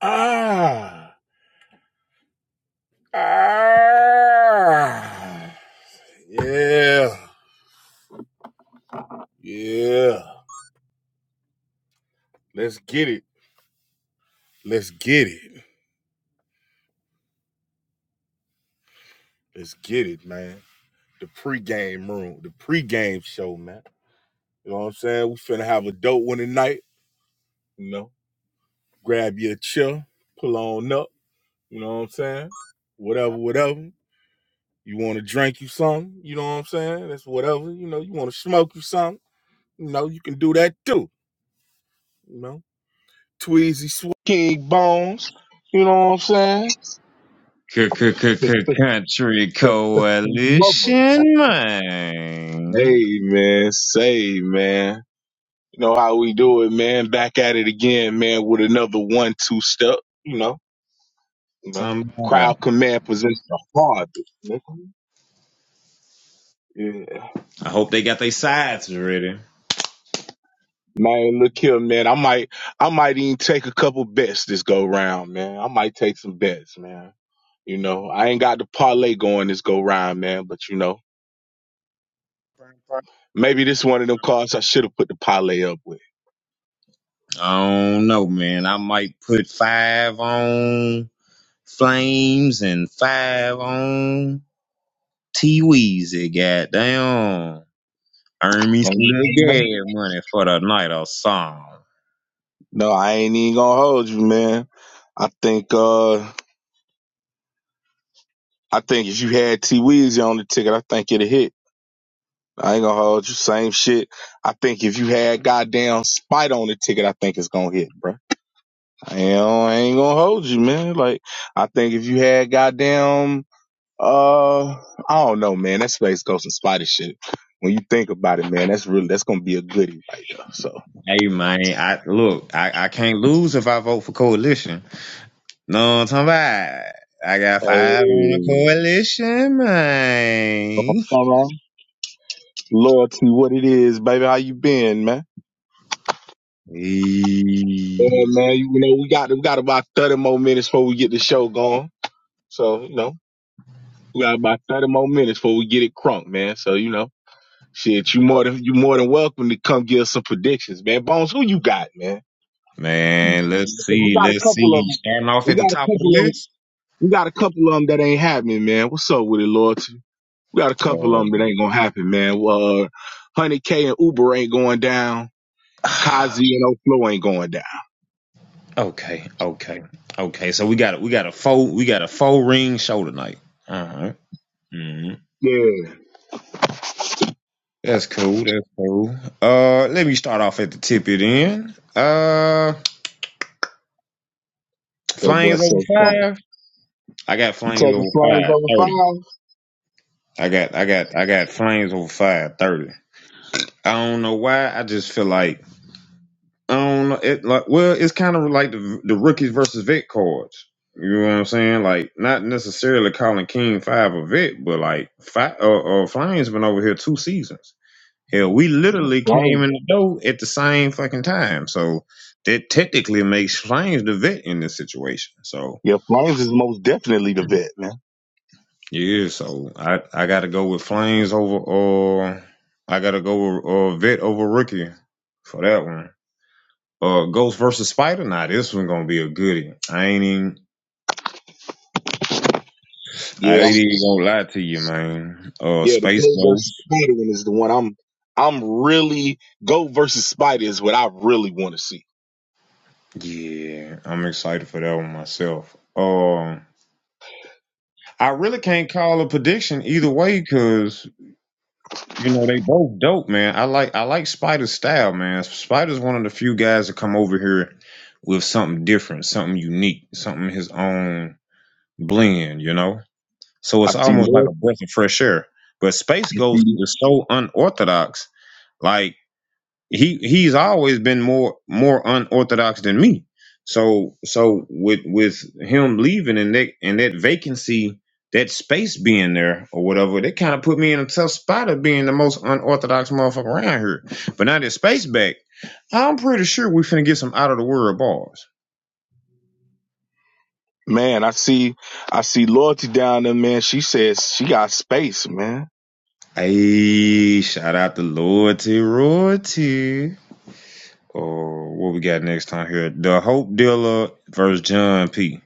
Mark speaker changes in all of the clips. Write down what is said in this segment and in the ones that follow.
Speaker 1: Ah, ah, yeah, yeah. Let's get it. Let's get it. Let's get it, man. The pregame room, the pregame show, man. You know what I'm saying? We finna have a dope one tonight. You know, grab your chill, pull on up. You know what I'm saying? Whatever, whatever. You want to drink you something? You know what I'm saying? That's whatever. You know, you want to smoke you something? You know, you can do that too. You know. Tweezy Sw- King Bones. You know what I'm saying?
Speaker 2: Country
Speaker 1: Mother.
Speaker 2: Coalition, man.
Speaker 1: Hey man, say man. You know how we do it, man. Back at it again, man, with another one two step, you know, you know.
Speaker 2: Somehow.
Speaker 1: Crowd command possession the hardest, nigga. Yeah.
Speaker 2: I hope they got their sides ready.
Speaker 1: Man, look here, man. I might I might even take a couple bets this go round, man. I might take some bets, man. You know, I ain't got the parlay going this go round, man, but you know, maybe this one of them cards I should have put the parlay up with.
Speaker 2: I don't know, man. I might put five on Flames and five on T Weezy. Goddamn. Earn me
Speaker 1: No,
Speaker 2: some little gas money for the night or song.
Speaker 1: I ain't even gonna hold you, man. I think uh I think if you had T Weezy on the ticket, I think it'd hit. I ain't gonna hold you. Same shit. I think if you had goddamn Spite on the ticket, I think it's gonna hit, bro. I ain't, I ain't gonna hold you, man. Like I think if you had goddamn uh I don't know, man. That Space Ghost and Spidey shit. When you think about it, man, that's really that's gonna be a goodie right there. So
Speaker 2: Hey, man. I Look, I, I can't lose if I vote for Coalition. No, I'm talking about I got
Speaker 1: hey,
Speaker 2: five on the coalition, man.
Speaker 1: Loyalty, what it is, baby. How you been, man?
Speaker 2: Hey,
Speaker 1: Yeah, man. You know, we got we got about thirty more minutes before we get the show going. So you know, we got about thirty more minutes before we get it crunk, man. So you know, shit, you more than you more than welcome to come give us some predictions, man. Bones, who you got, man? Who you
Speaker 2: Man,
Speaker 1: got, man?
Speaker 2: let's
Speaker 1: 'Cause We
Speaker 2: see,
Speaker 1: got a
Speaker 2: let's
Speaker 1: couple of
Speaker 2: see.
Speaker 1: them.
Speaker 2: Starting off
Speaker 1: We
Speaker 2: at
Speaker 1: got
Speaker 2: the
Speaker 1: a
Speaker 2: top of
Speaker 1: couple
Speaker 2: the
Speaker 1: of 'em-
Speaker 2: list.
Speaker 1: We got a couple of them that ain't happening, man. What's up with it, loyalty? We got a couple of
Speaker 2: Oh.
Speaker 1: them that ain't gonna happen, man. Well, uh, one hundred K and Uber ain't going down. Kazi and Oflo ain't going down.
Speaker 2: okay, okay, okay. So we got a, we got a four we got a four ring show tonight. All right. Mm-hmm.
Speaker 1: Yeah.
Speaker 2: That's cool. That's cool. Uh, let me start off at the tip it in. Uh,
Speaker 1: That boy
Speaker 2: flames
Speaker 1: said
Speaker 2: over
Speaker 1: something.
Speaker 2: five. I got
Speaker 1: You
Speaker 2: flames
Speaker 1: taking
Speaker 2: over
Speaker 1: flames
Speaker 2: five
Speaker 1: over
Speaker 2: thirty.
Speaker 1: five?
Speaker 2: I got I got I got flames over five thirty. I don't know why. I just feel like I don't know. It like well, it's kind of like the the rookies versus vet cards. You know what I'm saying? Like not necessarily calling King Five a vet, but like five, uh, uh, Flames been over here two seasons. Hell, we literally came
Speaker 1: Flames.
Speaker 2: in the door at the same fucking time. So that technically makes Flames the vet in this situation. So
Speaker 1: Yeah, flames is most definitely the vet, man.
Speaker 2: Yeah, so I I gotta go with Flames over uh I gotta go with uh Vet over Rookie for that one. Uh Ghost versus Spider, nah, this one gonna be a goodie. I ain't even I
Speaker 1: Yeah, I'm
Speaker 2: ain't even gonna lie to you, man. Uh
Speaker 1: yeah, the
Speaker 2: Space
Speaker 1: go versus
Speaker 2: Ghost.
Speaker 1: spider one is the one I'm I'm really go versus spider is what I really want to see.
Speaker 2: Yeah, I'm excited for that one myself. Um I really can't call a prediction either way cause. You know, they both dope, man. I like I like Spider's style, man. Spider's one of the few guys that come over here with something different, something unique, something his own blend, you know? So
Speaker 1: I
Speaker 2: it's
Speaker 1: see
Speaker 2: almost like a
Speaker 1: loyalty.
Speaker 2: breath of fresh air. But Space
Speaker 1: I
Speaker 2: Ghost
Speaker 1: see-
Speaker 2: is so unorthodox. Like he he's always been more more unorthodox than me. So so with with him leaving and that and that vacancy, that space being there or whatever, that kind of put me in a tough spot of being the most unorthodox motherfucker around here. But now that space back, I'm pretty sure we finna get some out of the world bars.
Speaker 1: Man, I see I see loyalty down there, man. She says she got space, man.
Speaker 2: Hey, shout out to Loyalty Royalty. Or what we got next time here? The Hope Dealer versus John P.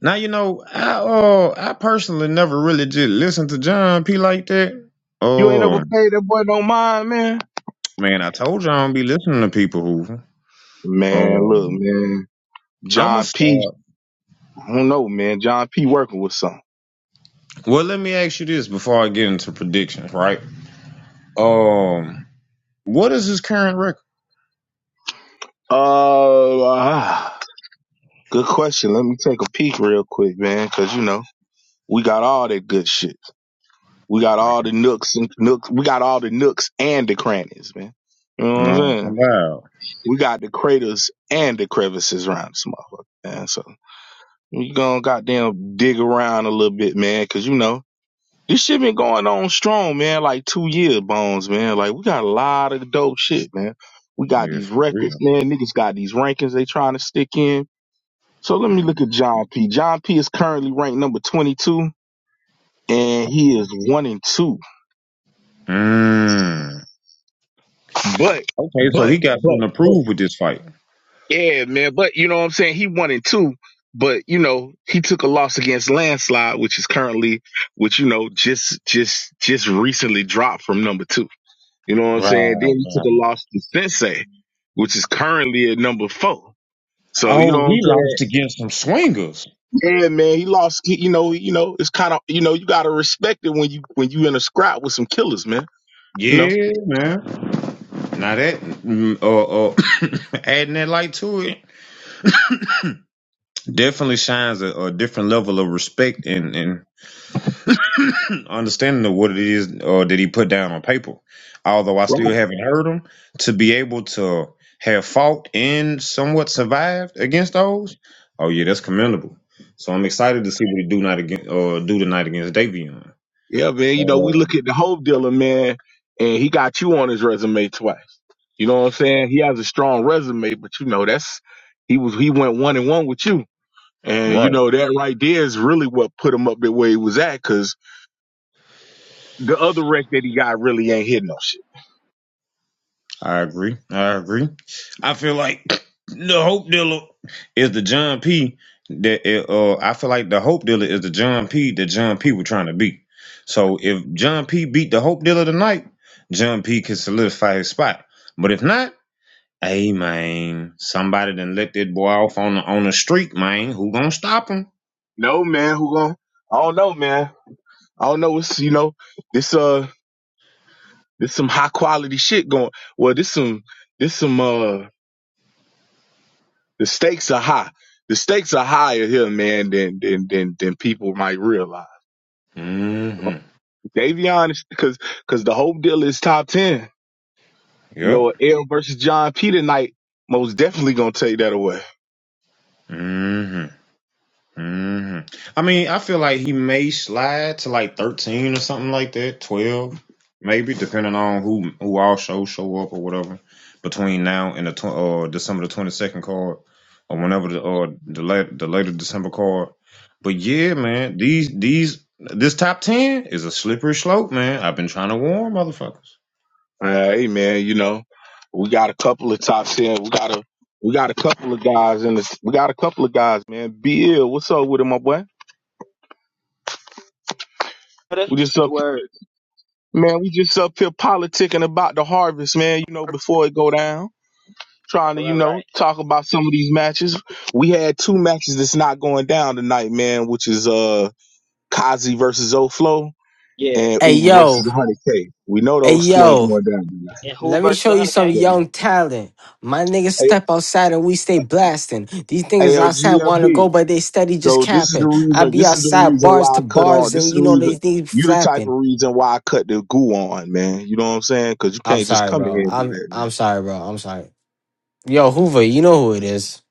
Speaker 2: Now you know, I uh I personally never really just listened to John P like that.
Speaker 1: You ain't never
Speaker 2: Oh
Speaker 1: paid that boy no mind, man.
Speaker 2: man, I told you I don't be listening to people who
Speaker 1: Man, look,
Speaker 2: um
Speaker 1: man.
Speaker 2: I'ma
Speaker 1: John P.
Speaker 2: start.
Speaker 1: I don't know, man. John P working with something.
Speaker 2: Well let me ask you this before I get into predictions, right? Um what is his current record?
Speaker 1: Uh, ah. Good question. Let me take a peek real quick, man, because you know we got all that good shit. We got all the nooks and nooks. We got all the nooks and the crannies, man. You know what I'm
Speaker 2: No,
Speaker 1: saying?
Speaker 2: I'm about
Speaker 1: We got the craters and the crevices around this motherfucker, man. So we gonna goddamn dig around a little bit, man, because you know this shit been going on strong, man. Like two years, bones, man. Like we got a lot of dope shit, man. We got
Speaker 2: yeah,
Speaker 1: these
Speaker 2: for
Speaker 1: records,
Speaker 2: real.
Speaker 1: man. Niggas got these rankings they trying to stick in. So let me look at John P. John P is currently ranked number 22 and he is one and two.
Speaker 2: Mm.
Speaker 1: But,
Speaker 2: Okay, so he
Speaker 1: but,
Speaker 2: got something
Speaker 1: but,
Speaker 2: to
Speaker 1: but.
Speaker 2: prove with this fight.
Speaker 1: Yeah, man. But you know what I'm saying? He one and two, but you know, he took a loss against Landslide, which is currently, which, you know, just, just, just recently dropped from number two. You know what I'm
Speaker 2: Right,
Speaker 1: saying? Then he took a
Speaker 2: right.
Speaker 1: loss to Sensei, which is currently at number four. So, you know
Speaker 2: Oh,
Speaker 1: what
Speaker 2: he
Speaker 1: I'm saying?
Speaker 2: lost against some swingers.
Speaker 1: Yeah, man, he lost. he- You know, you know, it's kind of you know, you gotta respect it when you when you in a scrap with some killers, man. You know,
Speaker 2: Yeah, man. Now that mm, or, or adding that light to it definitely shines a, a different level of respect and, and understanding of what it is or that he put down on paper. Although I still
Speaker 1: right?
Speaker 2: haven't heard him to be able to have fought and somewhat survived against those. Oh yeah, that's commendable. So I'm excited to see what he do not against or do tonight against Davion.
Speaker 1: Yeah, man. You know, we look
Speaker 2: Um,
Speaker 1: at the Hope dealer, man, and he got you on his resume twice. You know what I'm saying? He has a strong resume, but you know that's he was he went one and one with you, and
Speaker 2: right.
Speaker 1: you know that right there is really what put him up the way he was at, cause the other wreck that he got really ain't hit no shit.
Speaker 2: I agree. I agree. I feel like the hope dealer is the John P. That it, uh, I feel like the hope dealer is the John P. That John P. was trying to beat. So if John P. beat the hope dealer tonight, John P. can solidify his spot. But if not, hey man, somebody done let that boy off on the on the street, man. Who gonna stop him?
Speaker 1: No man, who gon' I don't know, man. I don't know. It's you know this uh. This some high quality shit going. Well, this some this some uh the stakes are high. The stakes are higher here, man, than than than than people might realize.
Speaker 2: Mm-hmm.
Speaker 1: Davion is because because the whole deal is top ten. You
Speaker 2: Yep.
Speaker 1: know, L versus John P tonight most definitely gonna take that away.
Speaker 2: Mhm. hmm I mean, I feel like he may slide to like thirteen or something like that, twelve, maybe, depending on who who all shows show up or whatever between now and the tw- uh, December the twenty second card or whenever the uh, the late the later December card. But yeah, man, these these this top ten is a slippery slope, man. I've been trying to warn motherfuckers.
Speaker 1: All right, man. You know, we got a couple of top ten. We got a we got a couple of guys in this. We got a couple of guys, man. Bill, what's up with him, my boy?
Speaker 3: What's
Speaker 1: We just
Speaker 3: the
Speaker 1: up.
Speaker 3: word?
Speaker 1: Man, we just up here politicking about the harvest, man, you know, before it go down. Trying to,
Speaker 3: All
Speaker 1: you
Speaker 3: right, all
Speaker 1: know,
Speaker 3: right.
Speaker 1: talk about some of these matches. We had two matches that's not going down tonight, man, which is uh Kazi versus Oflo
Speaker 3: Yeah.
Speaker 1: and
Speaker 4: Hey
Speaker 1: Uber
Speaker 4: yo,
Speaker 1: versus 100K. We know
Speaker 4: hey
Speaker 1: those two ain't
Speaker 4: yo,
Speaker 1: going down tonight.
Speaker 3: And who
Speaker 4: let me
Speaker 3: versus
Speaker 4: show you some
Speaker 3: 100K?
Speaker 1: So,
Speaker 4: young talent. My niggas step
Speaker 1: A-
Speaker 4: outside and we stay blasting. These niggas outside wanna go,
Speaker 1: ALGMB.
Speaker 4: but they steady just
Speaker 1: So this is the
Speaker 4: capping. I
Speaker 1: reason.
Speaker 4: be
Speaker 1: This is the
Speaker 4: outside
Speaker 1: reason why
Speaker 4: bars to
Speaker 1: I cut on.
Speaker 4: bars
Speaker 1: This
Speaker 4: and
Speaker 1: is
Speaker 4: you
Speaker 1: the
Speaker 4: know they
Speaker 1: reason.
Speaker 4: need
Speaker 1: You the type
Speaker 4: flapping.
Speaker 1: of reason why I cut the goo on, man. You know what I'm saying? Because you
Speaker 4: I'm
Speaker 1: can't just
Speaker 4: sorry,
Speaker 1: come in
Speaker 4: bro.
Speaker 1: here and do
Speaker 4: I'm
Speaker 1: that, man.
Speaker 4: I'm sorry, bro. I'm sorry. Yo, Hoover, you know who it is.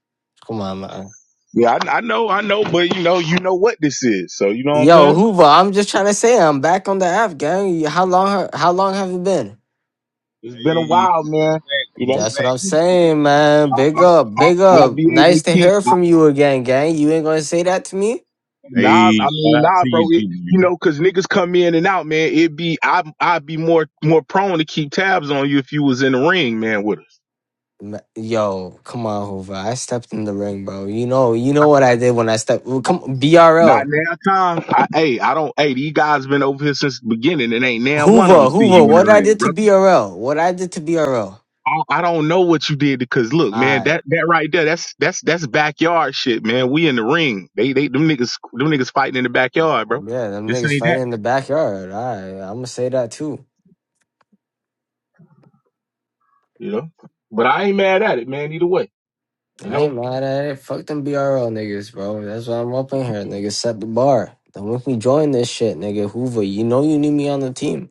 Speaker 4: Come on, man.
Speaker 1: Yeah, I, I know, I know, but you know, you know what this is. So you know what I'm
Speaker 4: Yo,
Speaker 1: saying?
Speaker 4: Hoover, I'm just trying to say I'm back on the app, gang. How long how long have you been?
Speaker 1: It's been a
Speaker 2: Hey,
Speaker 1: while, man.
Speaker 2: welcome back.
Speaker 1: You know,
Speaker 2: Welcome
Speaker 4: That's what
Speaker 2: back.
Speaker 4: I'm
Speaker 2: Who
Speaker 4: saying, man.
Speaker 1: I,
Speaker 2: said?
Speaker 4: Big
Speaker 1: I,
Speaker 2: GBN?
Speaker 4: up,
Speaker 1: I,
Speaker 4: big
Speaker 1: I'll
Speaker 4: up.
Speaker 1: be able
Speaker 4: Nice
Speaker 1: to
Speaker 4: to
Speaker 1: keep.
Speaker 4: hear
Speaker 1: I,
Speaker 4: from you again, gang. You ain't gonna say that to me?
Speaker 1: nah,
Speaker 2: Hey,
Speaker 1: I mean,
Speaker 2: shout out
Speaker 1: nah,
Speaker 2: to
Speaker 1: bro.
Speaker 2: you,
Speaker 1: It, you
Speaker 2: GBN.
Speaker 1: know, cause niggas come in and out, man. It be, I, I'd be more, more prone to keep tabs on you if you was in the ring, man, with us.
Speaker 4: Ma- Yo, come on, Hoover. I stepped in the ring, bro. You know, you know what I did when I stepped. well, Come,
Speaker 1: Not
Speaker 4: BRL,
Speaker 1: now, time. I, hey, I don't. Hey, these guys been over here since the beginning, and ain't now one of
Speaker 4: Hoover,
Speaker 1: them seen
Speaker 4: Hoover.
Speaker 1: you in the
Speaker 4: What I
Speaker 1: ring,
Speaker 4: did to
Speaker 1: brother.
Speaker 4: BRL? What I did to BRL?
Speaker 1: I I don't know what you did because look, man,
Speaker 4: Alright,
Speaker 1: that that right there, that's that's that's backyard shit, man. We in the ring. They they them niggas them niggas fighting in the backyard, bro.
Speaker 4: yeah, them
Speaker 1: This
Speaker 4: niggas
Speaker 1: ain't that,
Speaker 4: fighting in the backyard. Alright, I'm gonna say that too.
Speaker 1: you know. But I ain't mad at it, man. Either way, you
Speaker 4: I
Speaker 1: know.
Speaker 4: ain't mad at it. Fuck them BRL niggas, bro. That's why I'm up in here. Niggas set the bar. Don't make me join this shit, nigga. Hoover, you know you need me on the team.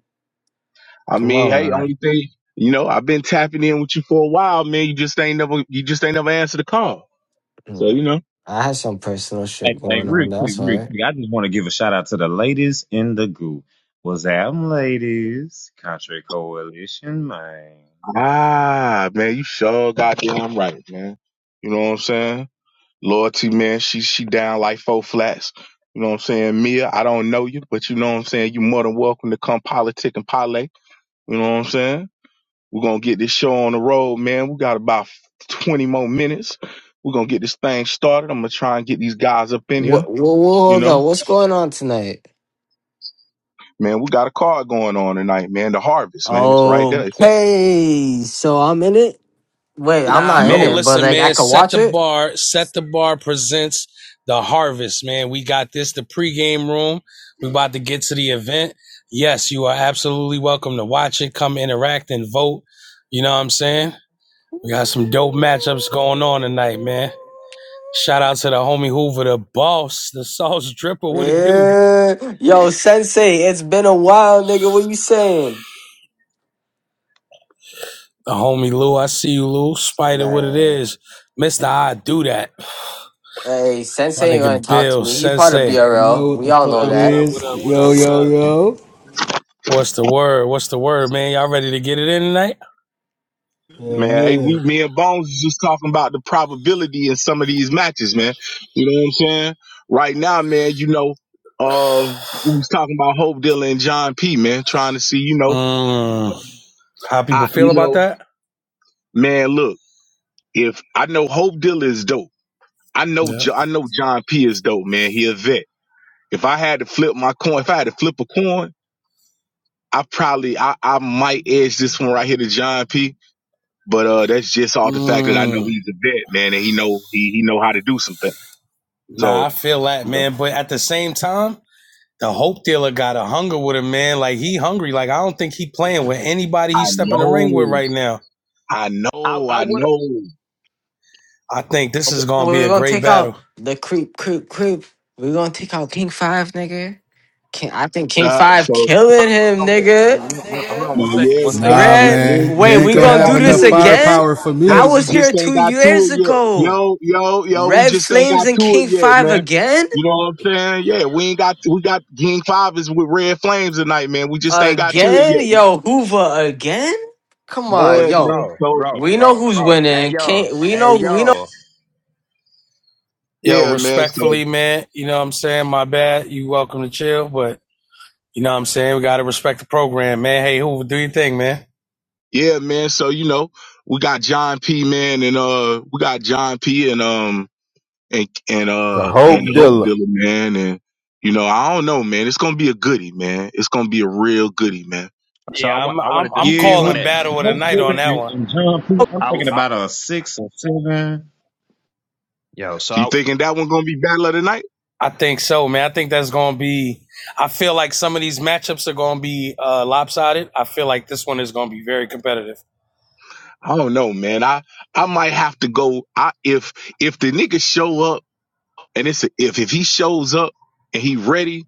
Speaker 1: I
Speaker 4: Come
Speaker 1: mean,
Speaker 4: on,
Speaker 1: hey,
Speaker 4: man.
Speaker 1: only thing, you know, I've been tapping in with you for a while, man. You just ain't never you just ain't never answered the call.
Speaker 4: You
Speaker 1: So you know.
Speaker 4: I had some personal
Speaker 2: Hey,
Speaker 4: shit
Speaker 2: hey,
Speaker 4: going on.
Speaker 2: real quick,
Speaker 4: That's all
Speaker 2: real
Speaker 4: right.
Speaker 2: quick. I just want to give a shout out to the ladies in the goo. Was that them ladies? Contrary coalition, man.
Speaker 1: Ah, man, you sure goddamn right, man. You know what I'm saying? Loyalty, man, she she down like four flats. You know what I'm saying? Mia, I don't know you, but you know what I'm saying? you more than welcome to come politic and parlay. You know what I'm saying? We're gonna get this show on the road, man. We got about 20 more minutes. We're gonna get this thing started. I'm gonna try and get these guys up in here.
Speaker 4: What? What? what
Speaker 1: You
Speaker 4: hold
Speaker 1: know,
Speaker 4: on. What's going on tonight?
Speaker 1: man, we got a card going on tonight, man. The harvest, man, it's right there. It's-
Speaker 4: Okay, so I'm in it. Wait, I'm
Speaker 5: Nah,
Speaker 4: not in
Speaker 5: man.
Speaker 1: no.
Speaker 4: it, but
Speaker 5: Listen,
Speaker 4: like I
Speaker 5: man.
Speaker 4: could
Speaker 5: Set
Speaker 4: watch
Speaker 5: the
Speaker 4: it.
Speaker 5: bar. Set the bar presents the harvest, man. We got this. The pregame room. We about to get to the event. Yes, you are absolutely welcome to watch it. Come interact and vote. You know what I'm saying? We got some dope matchups going on tonight, man. Shout out to the homie Hoover, the boss, the sauce dripper. What it do?
Speaker 4: Yeah, yo, Sensei, it's been a while, nigga. What you saying,
Speaker 5: The homie Lou. I see you, Lou. Spider. What it
Speaker 4: man?
Speaker 5: is? Mister, I do that.
Speaker 4: Hey,
Speaker 5: My
Speaker 4: Sensei ain't gonna
Speaker 5: nigga
Speaker 4: talk to
Speaker 5: Bill
Speaker 4: me. He part of
Speaker 5: Sensei.
Speaker 6: You
Speaker 4: BRL.
Speaker 6: know what
Speaker 4: We
Speaker 6: the
Speaker 4: all
Speaker 3: What
Speaker 6: fuck
Speaker 4: know
Speaker 6: it
Speaker 3: up, what
Speaker 4: that.
Speaker 3: up, what up,
Speaker 6: is.
Speaker 3: what
Speaker 6: Yo,
Speaker 3: up, what
Speaker 6: yo,
Speaker 3: up?
Speaker 6: yo.
Speaker 5: What's the word? What's the word, man? Y'all ready to get it in tonight?
Speaker 6: Yeah,
Speaker 1: Man, hey, we,
Speaker 6: man.
Speaker 1: me and Bones is just talking about the probability in some of these matches, man. You know what I'm saying? Right now, man, you know, uh, we was talking about Hope Dilla and John P, man, trying to see, you know,
Speaker 5: Mm. How people
Speaker 1: I,
Speaker 5: feel
Speaker 1: you
Speaker 5: about
Speaker 1: know,
Speaker 5: that?
Speaker 1: man, look, if I know Hope Dilla is dope, I know,
Speaker 5: Yeah.
Speaker 1: jo- I know John P is dope, man. He a vet. If I had to flip my coin, if I had to flip a coin, I probably, I, I might edge this one right here to John P. But uh, that's just all the fact that I know
Speaker 5: Mm.
Speaker 1: he's a vet, man, and he know he he know how to do some things.
Speaker 5: Nah, I
Speaker 1: So,
Speaker 5: feel that,
Speaker 1: you know,
Speaker 5: man. But at the same time, the hope dealer got a hunger with him, man. Like he hungry. Like I don't think he playing with anybody
Speaker 1: I
Speaker 5: he's stepping the
Speaker 1: know,
Speaker 5: ring with right now.
Speaker 1: I
Speaker 7: I
Speaker 1: know,
Speaker 7: I
Speaker 1: I
Speaker 7: would.
Speaker 1: know.
Speaker 5: I think this
Speaker 7: Hold
Speaker 5: is
Speaker 4: Well,
Speaker 5: gonna be
Speaker 4: We're
Speaker 5: a
Speaker 4: gonna
Speaker 5: great
Speaker 4: take out
Speaker 5: battle.
Speaker 4: the creep, creep, creep. We're gonna take out King Five, nigga. King, I think King
Speaker 1: Uh,
Speaker 4: Five
Speaker 1: so,
Speaker 7: on,
Speaker 4: killing him,
Speaker 7: hold
Speaker 4: nigga.
Speaker 7: on hold
Speaker 1: you
Speaker 7: on one
Speaker 1: know,
Speaker 7: second,
Speaker 1: yeah,
Speaker 7: one
Speaker 1: we
Speaker 7: second,
Speaker 1: got,
Speaker 7: one
Speaker 6: Nah,
Speaker 7: second.
Speaker 1: we,
Speaker 4: Red,
Speaker 1: we,
Speaker 6: man. You
Speaker 1: you
Speaker 4: wait,
Speaker 1: just
Speaker 6: ain't
Speaker 4: we
Speaker 6: gonna
Speaker 1: ain't
Speaker 7: So,
Speaker 4: gonna
Speaker 6: have
Speaker 4: do
Speaker 1: got to
Speaker 4: this
Speaker 6: enough
Speaker 1: it yet.
Speaker 4: again?
Speaker 6: firepower for
Speaker 4: I
Speaker 6: me.
Speaker 1: Hey, we
Speaker 4: was here
Speaker 1: just ain't
Speaker 4: two
Speaker 1: got to
Speaker 4: years
Speaker 1: it yet.
Speaker 4: ago.
Speaker 1: Yo, yo, yo, we
Speaker 4: Red
Speaker 1: just ain't
Speaker 4: Flames
Speaker 1: got
Speaker 4: and
Speaker 1: to it
Speaker 4: King
Speaker 1: yet,
Speaker 4: Five
Speaker 1: man.
Speaker 4: again?
Speaker 1: You know what I'm saying? Yeah, we ain't got, we got Gang Five is with Red Flames tonight, man. We just ain't got to
Speaker 4: Again?
Speaker 1: it yet.
Speaker 4: Yo, Hoover again? Come on,
Speaker 7: bro,
Speaker 1: Yeah,
Speaker 4: yo.
Speaker 1: man.
Speaker 7: bro,
Speaker 1: So,
Speaker 7: bro,
Speaker 4: We know
Speaker 7: bro,
Speaker 4: who's
Speaker 7: bro. Hey
Speaker 4: winning.
Speaker 7: yo,
Speaker 4: King, we
Speaker 7: hey
Speaker 4: know we know
Speaker 7: yo.
Speaker 5: Yo,
Speaker 1: yeah, man. So,
Speaker 5: respectfully, man. You know what I'm saying? My bad. You welcome to chill, but you know what I'm saying? We gotta respect the program, man. Hey, Hoover, do your thing, man.
Speaker 1: yeah, man. So, you know, we got John P, man, and, uh, we got John P and, um, and and
Speaker 8: The
Speaker 1: uh and
Speaker 8: Hope
Speaker 1: Hope
Speaker 8: Dilla.
Speaker 1: Dealer, man. And you know, I don't know, man. It's gonna be a goodie, man. It's gonna be a real goodie, man.
Speaker 7: So I
Speaker 5: Yeah, I'm
Speaker 7: want I
Speaker 5: I'm
Speaker 7: wanted to
Speaker 5: I'm
Speaker 2: Yeah,
Speaker 7: speak on
Speaker 2: Hope,
Speaker 5: calling
Speaker 7: that.
Speaker 5: battle of the
Speaker 2: Hope
Speaker 5: night on
Speaker 2: Dillon
Speaker 5: that one.
Speaker 2: and and John Pete. I'm
Speaker 7: I,
Speaker 2: thinking
Speaker 7: I
Speaker 2: about a six or seven.
Speaker 7: yo. So
Speaker 1: So you
Speaker 7: I,
Speaker 1: thinking that one gonna be battle of the night?
Speaker 5: I think so, man. I think that's going to be. I feel like some of these matchups are going to be uh, lopsided. I feel like this one is going to be very competitive.
Speaker 1: I don't know, man. I I might have to go. I if if the nigga show up and it's a, if if he shows up and he ready,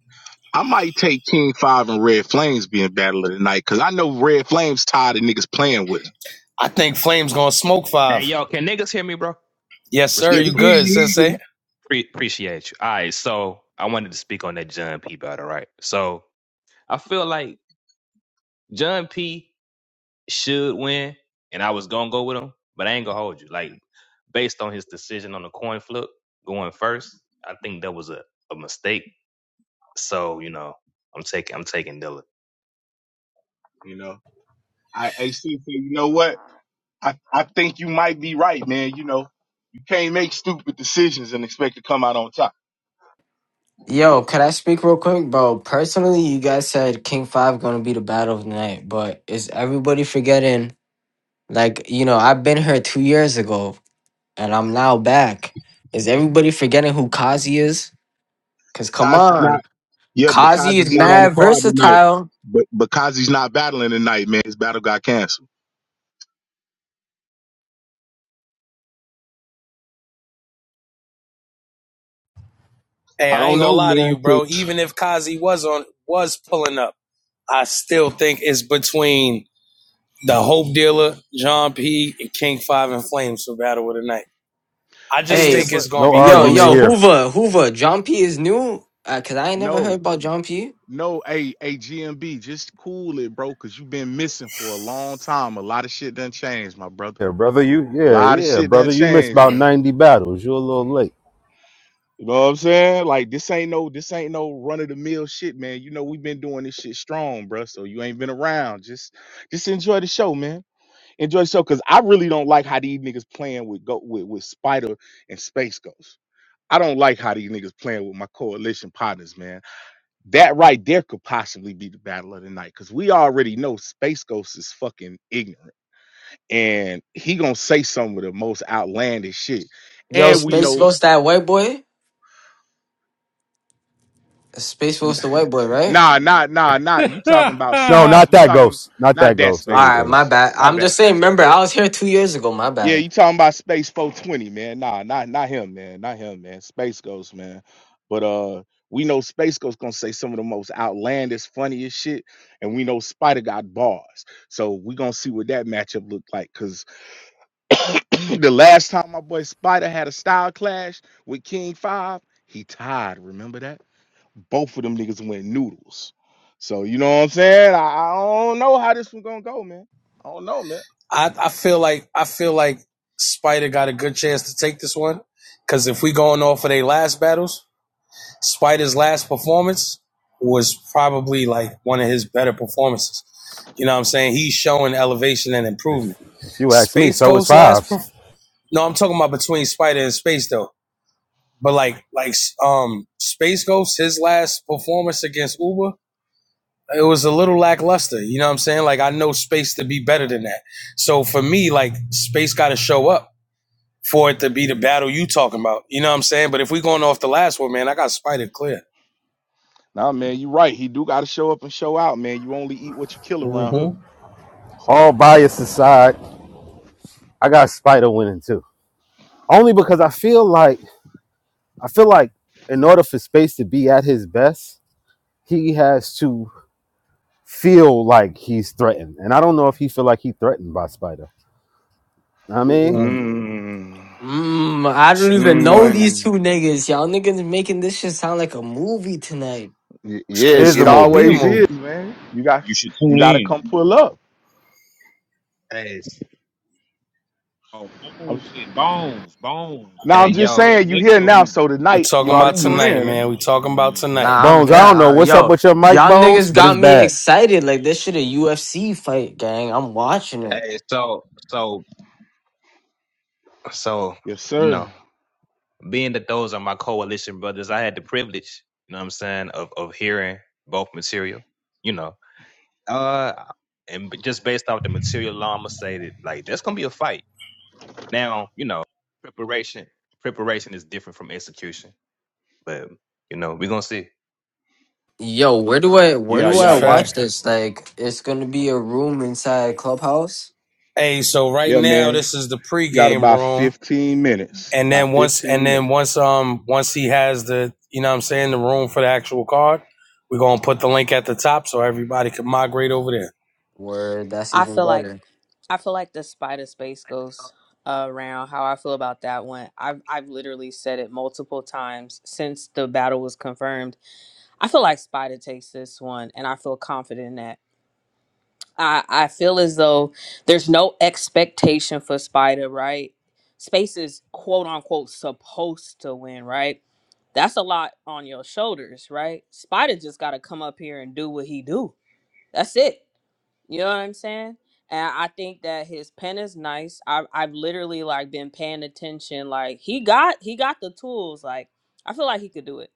Speaker 1: I might take King Five and Red Flames being battle of the night because I know Red Flames tired of niggas playing with him.
Speaker 5: I think Flame's going to smoke
Speaker 7: hey
Speaker 5: five.
Speaker 7: yo, can niggas hear me, bro?
Speaker 5: Yes, sir.
Speaker 1: Yeah,
Speaker 5: You
Speaker 1: we did,
Speaker 7: Respectfully,
Speaker 5: good,
Speaker 1: you need
Speaker 5: Sensei?
Speaker 1: him.
Speaker 7: Pre- appreciate you. All right. So I wanted to speak on that John P. battle, right? So I feel like John P. should win, and I was gonna go with him, but I ain't gonna hold you. Like based on his decision on the coin flip going first, I think that was a, a mistake. So you know, I'm taking I'm taking Dillon.
Speaker 1: You know, I AC, so you know what? I I think you might be right, man. You know. You can't make stupid decisions and expect to come out on top.
Speaker 4: Yo, could I speak real quick, bro? Personally, you guys said King Five gonna be the battle of the night, but is everybody forgetting? Like, you know, I've been here two years ago, and I'm now back. Is everybody forgetting who Kazi is? Cause come
Speaker 1: Kazi's not.
Speaker 4: on,
Speaker 1: Yeah, because
Speaker 4: Kazi is
Speaker 1: he's not on the
Speaker 4: mad
Speaker 1: card tonight.
Speaker 4: versatile.
Speaker 1: But because he's not battling tonight, man, his battle got canceled.
Speaker 5: Hey,
Speaker 1: I
Speaker 5: I
Speaker 1: don't
Speaker 5: ain't gonna
Speaker 1: know,
Speaker 5: lie to
Speaker 1: man.
Speaker 5: you,
Speaker 1: 'cause
Speaker 5: bro. Even if Kazi was on was pulling up, I still think it's between the Hope Dealer, John P, and King Five and Flames for Battle of the Night. I
Speaker 1: Hey
Speaker 5: just
Speaker 4: Hey,
Speaker 1: man,
Speaker 5: think it's
Speaker 1: but
Speaker 5: gonna
Speaker 8: No
Speaker 5: be
Speaker 4: yo,
Speaker 8: argument
Speaker 4: yo,
Speaker 5: closer.
Speaker 8: here.
Speaker 4: Hoover, Hoover, John P is new. Uh, Cause I ain't never heard
Speaker 1: no,
Speaker 4: about John P.
Speaker 1: no, hey, hey, GMB, just cool it, bro, cause you've been missing for a long time. A lot of shit done changed, my brother.
Speaker 8: Yeah, brother, you
Speaker 1: A
Speaker 8: yeah,
Speaker 1: lot of
Speaker 8: yeah,
Speaker 1: shit done
Speaker 8: brother. You missed
Speaker 1: changed,
Speaker 8: about
Speaker 1: man.
Speaker 8: ninety battles. You're a little late.
Speaker 1: You know what I'm saying? Like this ain't no, this ain't no run of the mill shit, man. You know we've been doing this shit strong, bro. So you ain't been around. Just, just enjoy the show, man. Enjoy the show, cause I really don't like how these niggas playing with go with, with Spider and Space Ghost. I don't like how these niggas playing with my coalition partners, man. That right there could possibly be the battle of the night, cause we already know Space Ghost is fucking ignorant, and he gonna say some of the most outlandish shit.
Speaker 4: Yo,
Speaker 1: And we
Speaker 4: Space
Speaker 1: know,
Speaker 4: Ghost, that white boy. Space Ghost, the white boy, right?
Speaker 1: nah, nah, nah, nah. You talking about
Speaker 8: No,
Speaker 5: I
Speaker 1: space?
Speaker 8: not
Speaker 1: You
Speaker 8: that
Speaker 1: talking
Speaker 8: ghost. Not
Speaker 1: not
Speaker 8: that
Speaker 1: that
Speaker 8: ghost. I know what
Speaker 4: All
Speaker 1: Space
Speaker 8: you're talking
Speaker 4: right,
Speaker 8: about.
Speaker 4: my
Speaker 1: Ghost?
Speaker 4: bad.
Speaker 1: Not
Speaker 4: I'm
Speaker 1: that
Speaker 4: just saying.
Speaker 1: Space
Speaker 4: Remember,
Speaker 1: Ghost.
Speaker 4: I was here two years ago. My
Speaker 1: Yeah,
Speaker 4: bad.
Speaker 1: you talking about Space 420, man. Nah, not not him, man. Not him, man. Space Ghost, man. But uh we know Space Ghost gonna say some of the most outlandish, funniest shit, and we know Spider got bars. So we gonna see what that matchup looked like. Cause the last time my boy Spider had a style clash with King Five, he tied. Remember that? Both of them niggas went noodles. So you know what I'm saying? I, I don't know how this one gonna go, man. I don't know, man.
Speaker 5: I, I feel like I feel like Spider got a good chance to take this one because if we going off of their last battles, Spider's last performance was probably like one of his better performances. You know what I'm saying? He's showing elevation and
Speaker 8: If
Speaker 5: improvement.
Speaker 8: if you ask me,
Speaker 5: Space
Speaker 8: so is
Speaker 5: Ghost's last
Speaker 8: fives.
Speaker 5: perf- no, I'm talking about between Spider and Space though. But like like um Space Ghost his last performance against Uber, it was a little lackluster. You know what I'm saying? Like I know Space to be better than that. So for me, like Space got to show up. for it to be the
Speaker 1: You.
Speaker 5: battle you talking about. You know what I'm saying? But if we going off the last one, man, I got Spider Clear.
Speaker 1: Nah, man, you right. He do got to show up and show out, man. You only eat what you kill around here.
Speaker 5: Mm-hmm.
Speaker 1: So,
Speaker 8: All bias aside, I got Spider winning too. Only because I feel like I feel like in order for space to be at his best, he has to feel like he's threatened. And I don't know if he feel like he threatened by Spider. I mean,
Speaker 5: mm
Speaker 1: Mm.
Speaker 4: Mm, I
Speaker 5: That's
Speaker 4: don't
Speaker 5: a good
Speaker 4: even know
Speaker 5: point.
Speaker 4: these two
Speaker 1: Mm.
Speaker 4: niggas. Y'all niggas making this shit sound like a movie tonight.
Speaker 1: Y-
Speaker 5: It's,
Speaker 1: Yeah,
Speaker 5: it's
Speaker 8: here's a
Speaker 1: it
Speaker 5: gonna
Speaker 8: movie.
Speaker 5: be a
Speaker 2: You
Speaker 1: always
Speaker 5: movie.
Speaker 1: is, man. You got
Speaker 2: you should
Speaker 1: you
Speaker 2: tune
Speaker 1: got to come
Speaker 2: in.
Speaker 1: pull up.
Speaker 7: Hey, s-
Speaker 2: Oh, Bones
Speaker 1: I'm,
Speaker 2: said Bones, Bones, the
Speaker 1: now
Speaker 7: hey,
Speaker 1: I'm
Speaker 2: one up
Speaker 1: just
Speaker 2: here
Speaker 7: yo,
Speaker 1: saying, you
Speaker 2: next
Speaker 1: here
Speaker 2: to
Speaker 1: now, so
Speaker 2: Hoover.
Speaker 5: we
Speaker 1: tonight
Speaker 5: talking
Speaker 1: you ought to
Speaker 5: about
Speaker 1: tune
Speaker 2: Bones said
Speaker 5: tonight,
Speaker 1: in, man.
Speaker 5: man.
Speaker 2: you
Speaker 5: we
Speaker 2: should
Speaker 5: talking
Speaker 2: tune
Speaker 5: about
Speaker 2: in.
Speaker 5: tonight.
Speaker 4: Nah, I'm
Speaker 8: Bones, I
Speaker 4: here.
Speaker 8: don't know
Speaker 4: I,
Speaker 8: what's up
Speaker 4: yo,
Speaker 8: with your mic,
Speaker 4: y'all
Speaker 8: Bones,
Speaker 4: niggas
Speaker 8: but it's
Speaker 4: got me
Speaker 8: bad.
Speaker 4: excited. Like this shit a UFC fight, gang. I'm watching it.
Speaker 7: hey, so, so, So
Speaker 1: yes,
Speaker 7: you
Speaker 1: sir.
Speaker 7: know, being that those are my coalition brothers, I had the privilege, you know, what I'm saying, of of hearing both material. You know, uh, and b- just based off the material alone, I'ma say that like that's gonna be a fight. Now, you know, preparation preparation is different from execution. But, you know, we're gonna see.
Speaker 4: Yo, where do I where
Speaker 1: Yeah,
Speaker 4: do
Speaker 5: That's a
Speaker 4: I
Speaker 1: yeah, you,
Speaker 4: watch
Speaker 5: fact.
Speaker 4: this? Like it's gonna be a room inside Clubhouse?
Speaker 5: Hey, so right
Speaker 1: yeah,
Speaker 5: now
Speaker 1: man.
Speaker 5: this is the
Speaker 1: You got
Speaker 5: pregame
Speaker 1: about
Speaker 5: room.
Speaker 1: 15 minutes.
Speaker 5: And
Speaker 1: About
Speaker 5: then once and
Speaker 1: 15
Speaker 5: then
Speaker 1: minutes.
Speaker 5: once um once he has the you know what I'm saying, the room for the actual card, we're gonna put the link at the top so everybody can migrate over there.
Speaker 4: Where that's
Speaker 9: I
Speaker 4: even
Speaker 9: feel like
Speaker 4: better.
Speaker 9: I feel like the spider space goes around how I feel about that one. I've I've literally said it multiple times since the battle was confirmed. I feel like Spider takes this one, and I feel confident in that. I I feel as though there's no expectation for Spider, right? Space is quote unquote supposed to win, right? That's a lot on your shoulders, right? Spider just got to come up here and do what he do. That's it you know what I'm saying? And I think that his pen is nice. I've I've literally like been paying attention. Like he got he got the tools. Like I feel like he could do it.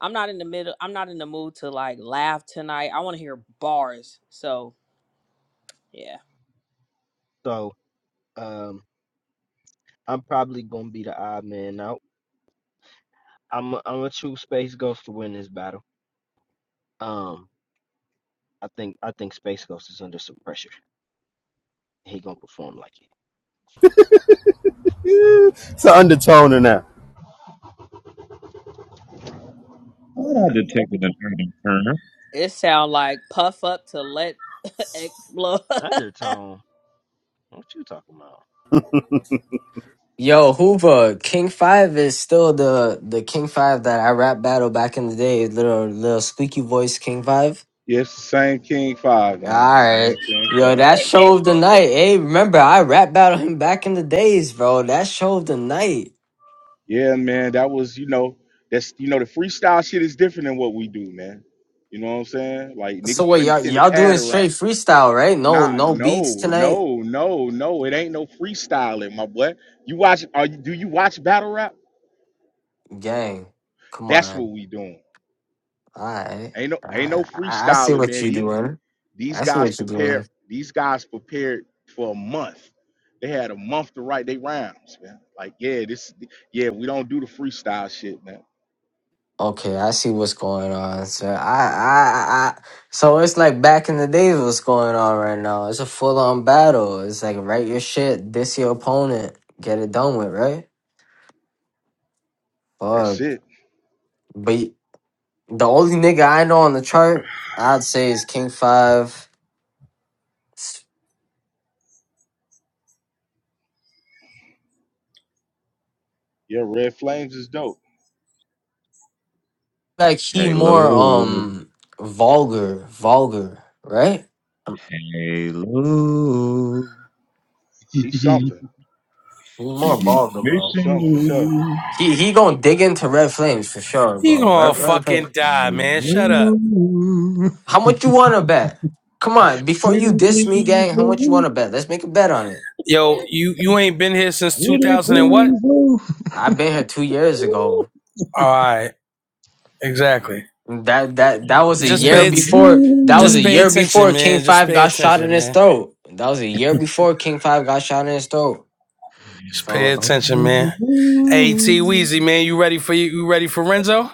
Speaker 9: I'm not in the middle. I'm not in the mood to like laugh tonight. I want to hear bars. So yeah,
Speaker 3: So, um, I'm probably going to be the odd man out. I'm i I'm going to choose Space Ghost to win this battle. Um, I think I think Space Ghost is under some pressure. He going to perform like it.
Speaker 8: Yeah, it's an undertone in that.
Speaker 2: Thought I detected an urban turner.
Speaker 9: it sound like puff up to let explode.
Speaker 3: Undertone, what you talking about?
Speaker 4: Yo, Hoover, King Five is still the the King Five that I rap battle back in the day. Little little squeaky voice King Five.
Speaker 1: Yes, same King Five,
Speaker 4: All
Speaker 1: man. Same
Speaker 4: right,
Speaker 1: King
Speaker 4: yo,
Speaker 1: Five.
Speaker 4: that show of the night. Hey, remember I rap battled him back in the days, bro. That show of the night.
Speaker 1: Yeah, man, that was, you know, that's you know, the freestyle shit is different than what we do, man. You know what I'm saying? Like
Speaker 4: So
Speaker 1: niggas
Speaker 4: what
Speaker 1: putting
Speaker 4: y'all
Speaker 1: pin to
Speaker 4: y'all
Speaker 1: pad
Speaker 4: doing
Speaker 1: around.
Speaker 4: straight freestyle, right? No,
Speaker 1: Nah,
Speaker 4: no beats
Speaker 1: no,
Speaker 4: tonight,
Speaker 1: no, no, no. It ain't no freestyling, my boy. You watch are you do you watch battle rap?
Speaker 4: gang. Come
Speaker 1: That's
Speaker 4: on.
Speaker 1: what we doing.
Speaker 4: All right,
Speaker 1: Ain't no
Speaker 4: all
Speaker 1: ain't
Speaker 4: right.
Speaker 1: no
Speaker 4: I I see
Speaker 1: freestyling,
Speaker 4: what
Speaker 1: man.
Speaker 4: you're
Speaker 1: These
Speaker 4: doing.
Speaker 1: these
Speaker 4: I see
Speaker 1: guys
Speaker 4: what you're
Speaker 1: prepared
Speaker 4: doing.
Speaker 1: these guys prepared for a month. They had a month to write their rhymes, man. Like, yeah, this yeah, we don't do the freestyle shit, man.
Speaker 4: Okay, I see what's going on. So I, I, I. So it's like back in the days, what's going on right now? It's a full on battle. It's like write your shit, diss your opponent, get it done with, right? Fuck.
Speaker 1: That's it.
Speaker 4: But the only nigga I know on the chart, I'd say is King Five. S-
Speaker 1: Yeah, Red Flames is dope.
Speaker 4: Like he more
Speaker 2: Hello,
Speaker 4: um vulgar, vulgar, right? Um,
Speaker 2: hello.
Speaker 1: He's something.
Speaker 4: He more
Speaker 2: Give me
Speaker 4: vulgar, bro.
Speaker 1: He's
Speaker 2: permission,
Speaker 1: something for sure.
Speaker 2: you.
Speaker 4: He he gonna dig into red flames for sure,
Speaker 5: He
Speaker 4: bro.
Speaker 5: gonna
Speaker 4: Red, red flames.
Speaker 5: fucking die,
Speaker 2: Hello.
Speaker 5: man. Shut up.
Speaker 4: How much you wanna bet? Come on, before you
Speaker 2: Pretty
Speaker 4: diss me,
Speaker 2: please,
Speaker 4: gang. How much you
Speaker 2: Lou.
Speaker 4: wanna bet? Let's make a bet on it.
Speaker 5: Yo, you you ain't been here since
Speaker 2: Pretty
Speaker 5: 2000 and what?
Speaker 2: please, Lou.
Speaker 4: I've been here two years ago.
Speaker 5: All right, exactly.
Speaker 4: That that that was a
Speaker 5: Just
Speaker 4: year
Speaker 5: pay it.
Speaker 2: Oh,
Speaker 4: before. That was
Speaker 5: Just
Speaker 4: a
Speaker 2: Lou.
Speaker 5: pay
Speaker 4: year
Speaker 5: attention,
Speaker 4: before King
Speaker 5: man. Just
Speaker 4: Five
Speaker 5: pay
Speaker 4: got shot in
Speaker 5: attention,
Speaker 4: his
Speaker 5: man.
Speaker 4: throat. That was a year before King Five got shot in his throat.
Speaker 5: Just pay
Speaker 4: So
Speaker 2: oh,
Speaker 5: attention, man.
Speaker 2: Lou,
Speaker 5: Hey, T Weezy, man, you ready for you? You ready for Renzo?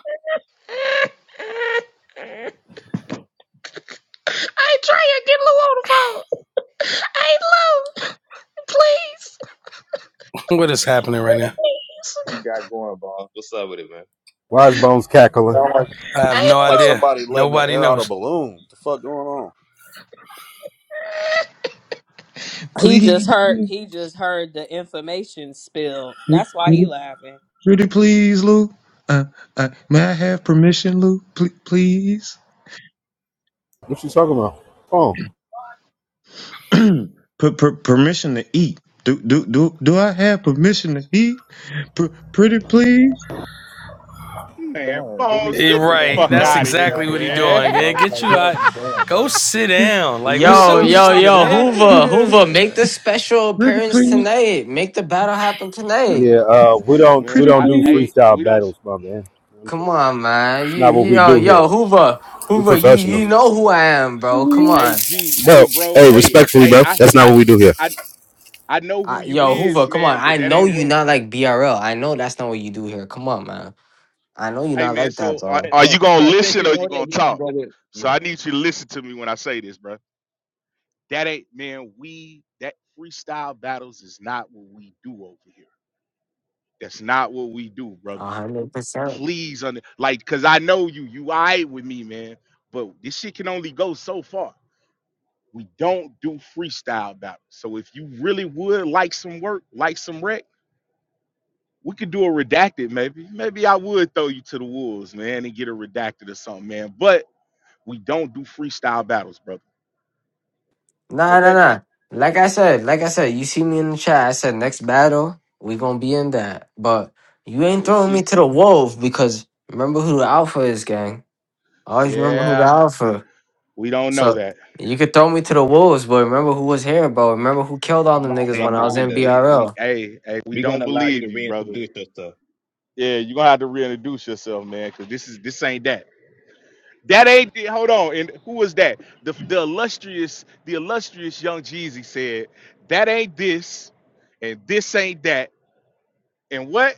Speaker 2: try to get Lou on the phone. Hey Lou, please,
Speaker 5: what is happening right
Speaker 2: Pretty
Speaker 5: now?
Speaker 2: please.
Speaker 7: You got going, boss. What's up with it, man?
Speaker 8: Why is Bones cackling?
Speaker 10: Sound like, sound
Speaker 5: I have
Speaker 2: Hey
Speaker 5: no
Speaker 10: like
Speaker 2: Lou.
Speaker 5: idea.
Speaker 10: somebody letting the
Speaker 5: Nobody
Speaker 10: air out a
Speaker 5: knows.
Speaker 10: balloon. What the fuck going on?
Speaker 9: he
Speaker 2: please,
Speaker 9: just heard.
Speaker 2: pretty,
Speaker 9: He just heard the information spill. That's why he
Speaker 2: pretty
Speaker 9: laughing.
Speaker 2: pretty please, Lou. Uh, uh, may I have permission, Lou? Pl- please.
Speaker 8: What you talking about? Oh,
Speaker 2: per, per, permission to eat. Do, do do do I have permission to eat? Pr- pretty please,
Speaker 1: Man, Bones,
Speaker 5: Eh,
Speaker 1: get the
Speaker 5: right,
Speaker 1: fuck
Speaker 5: that's
Speaker 1: out of here,
Speaker 5: exactly what
Speaker 7: Like,
Speaker 5: he
Speaker 7: come
Speaker 1: man.
Speaker 7: on,
Speaker 5: doing. Man,
Speaker 7: bro.
Speaker 5: get
Speaker 7: Like,
Speaker 5: you
Speaker 7: what are
Speaker 5: out.
Speaker 7: we doing,
Speaker 5: Go
Speaker 7: bro?
Speaker 5: sit
Speaker 2: pretty,
Speaker 5: down. Like,
Speaker 2: pretty,
Speaker 5: what's
Speaker 1: get
Speaker 4: yo
Speaker 5: up with
Speaker 1: the
Speaker 5: this
Speaker 4: yo
Speaker 5: nigga,
Speaker 1: fuck
Speaker 4: yo
Speaker 1: out
Speaker 5: man?
Speaker 1: of
Speaker 4: Hoover
Speaker 2: pretty,
Speaker 1: here,
Speaker 4: Hoover
Speaker 1: man.
Speaker 4: make the special
Speaker 2: pretty
Speaker 4: appearance
Speaker 2: please,
Speaker 4: tonight. Make the battle happen tonight.
Speaker 8: yeah. Uh, we don't
Speaker 1: Man,
Speaker 8: we
Speaker 2: pretty
Speaker 8: don't
Speaker 1: I,
Speaker 8: do
Speaker 1: hey,
Speaker 2: please.
Speaker 8: freestyle
Speaker 1: we don't, s-
Speaker 8: battles, my man. You know what I'm
Speaker 4: Come
Speaker 8: saying?
Speaker 4: on, man.
Speaker 8: It's
Speaker 4: You
Speaker 8: not what we
Speaker 4: yo
Speaker 1: w-
Speaker 8: do here.
Speaker 4: yo Hoover
Speaker 8: We
Speaker 4: Hoover you
Speaker 8: professional,
Speaker 4: you
Speaker 1: hey,
Speaker 4: know who I am, bro. Come
Speaker 1: hey,
Speaker 4: on.
Speaker 1: G, hey,
Speaker 8: bro.
Speaker 1: bro,
Speaker 8: Hey,
Speaker 1: hey,
Speaker 8: respectfully,
Speaker 1: hey,
Speaker 8: bro.
Speaker 1: I,
Speaker 8: That's not
Speaker 1: I,
Speaker 8: what we do here.
Speaker 1: I, I know who
Speaker 4: I,
Speaker 1: you
Speaker 4: yo Hoover,
Speaker 1: is,
Speaker 4: come on.
Speaker 1: man,
Speaker 4: I
Speaker 1: but that
Speaker 4: know
Speaker 1: ain't
Speaker 4: you
Speaker 1: what.
Speaker 4: not like BRL. I know that's not what you do here. Come on, man. I know you
Speaker 1: Hey,
Speaker 4: not
Speaker 1: man,
Speaker 4: like that,
Speaker 1: so are,
Speaker 4: bro.
Speaker 1: are you
Speaker 7: So,
Speaker 1: gonna
Speaker 7: so since
Speaker 1: listen
Speaker 7: you
Speaker 1: or
Speaker 7: know
Speaker 1: you
Speaker 7: that,
Speaker 1: gonna
Speaker 7: we're gonna
Speaker 1: talk?
Speaker 7: go with you
Speaker 1: So I
Speaker 7: know
Speaker 1: need you to listen to me when I say this, bro. That ain't, man. We that freestyle battles is not what we do over here. That's not what we do, brother.
Speaker 4: A hundred percent.
Speaker 1: Please, under, like, cause I know you, you all right with me, man. But this shit can only go so far. We don't do freestyle battles. So if you really would like some work, like some rec, we could do a redacted maybe. Maybe I would throw you to the wolves, man, and get a redacted or something, man. But we don't do freestyle battles, brother.
Speaker 4: Nah, nah,
Speaker 1: Okay?
Speaker 4: nah. Like I said, like I said, you see me in the chat. I said next battle we gonna be in that, but you ain't
Speaker 1: We'll
Speaker 4: throwing me
Speaker 1: see.
Speaker 4: to the wolf because remember who the alpha is, gang. Always remember who the
Speaker 1: Yeah,
Speaker 4: alpha.
Speaker 1: we don't know
Speaker 4: So
Speaker 1: that.
Speaker 4: you could throw me to the wolves, but remember who was here, bro. Remember who killed all the
Speaker 7: remi-
Speaker 4: niggas
Speaker 1: Hey,
Speaker 4: when I was
Speaker 1: we,
Speaker 4: in
Speaker 7: reminder.
Speaker 1: we,
Speaker 4: BRL.
Speaker 1: we, hey, hey, we
Speaker 7: We're
Speaker 1: don't
Speaker 7: gonna allow you
Speaker 1: believe
Speaker 7: to
Speaker 1: you, brother.
Speaker 7: reintroduce yourself.
Speaker 1: Yeah, you're gonna have to reintroduce yourself, man, because this is this ain't that. That ain't the- hold on. And who was that? The the illustrious, the illustrious young Jeezy said, that ain't this, and this ain't that. And what?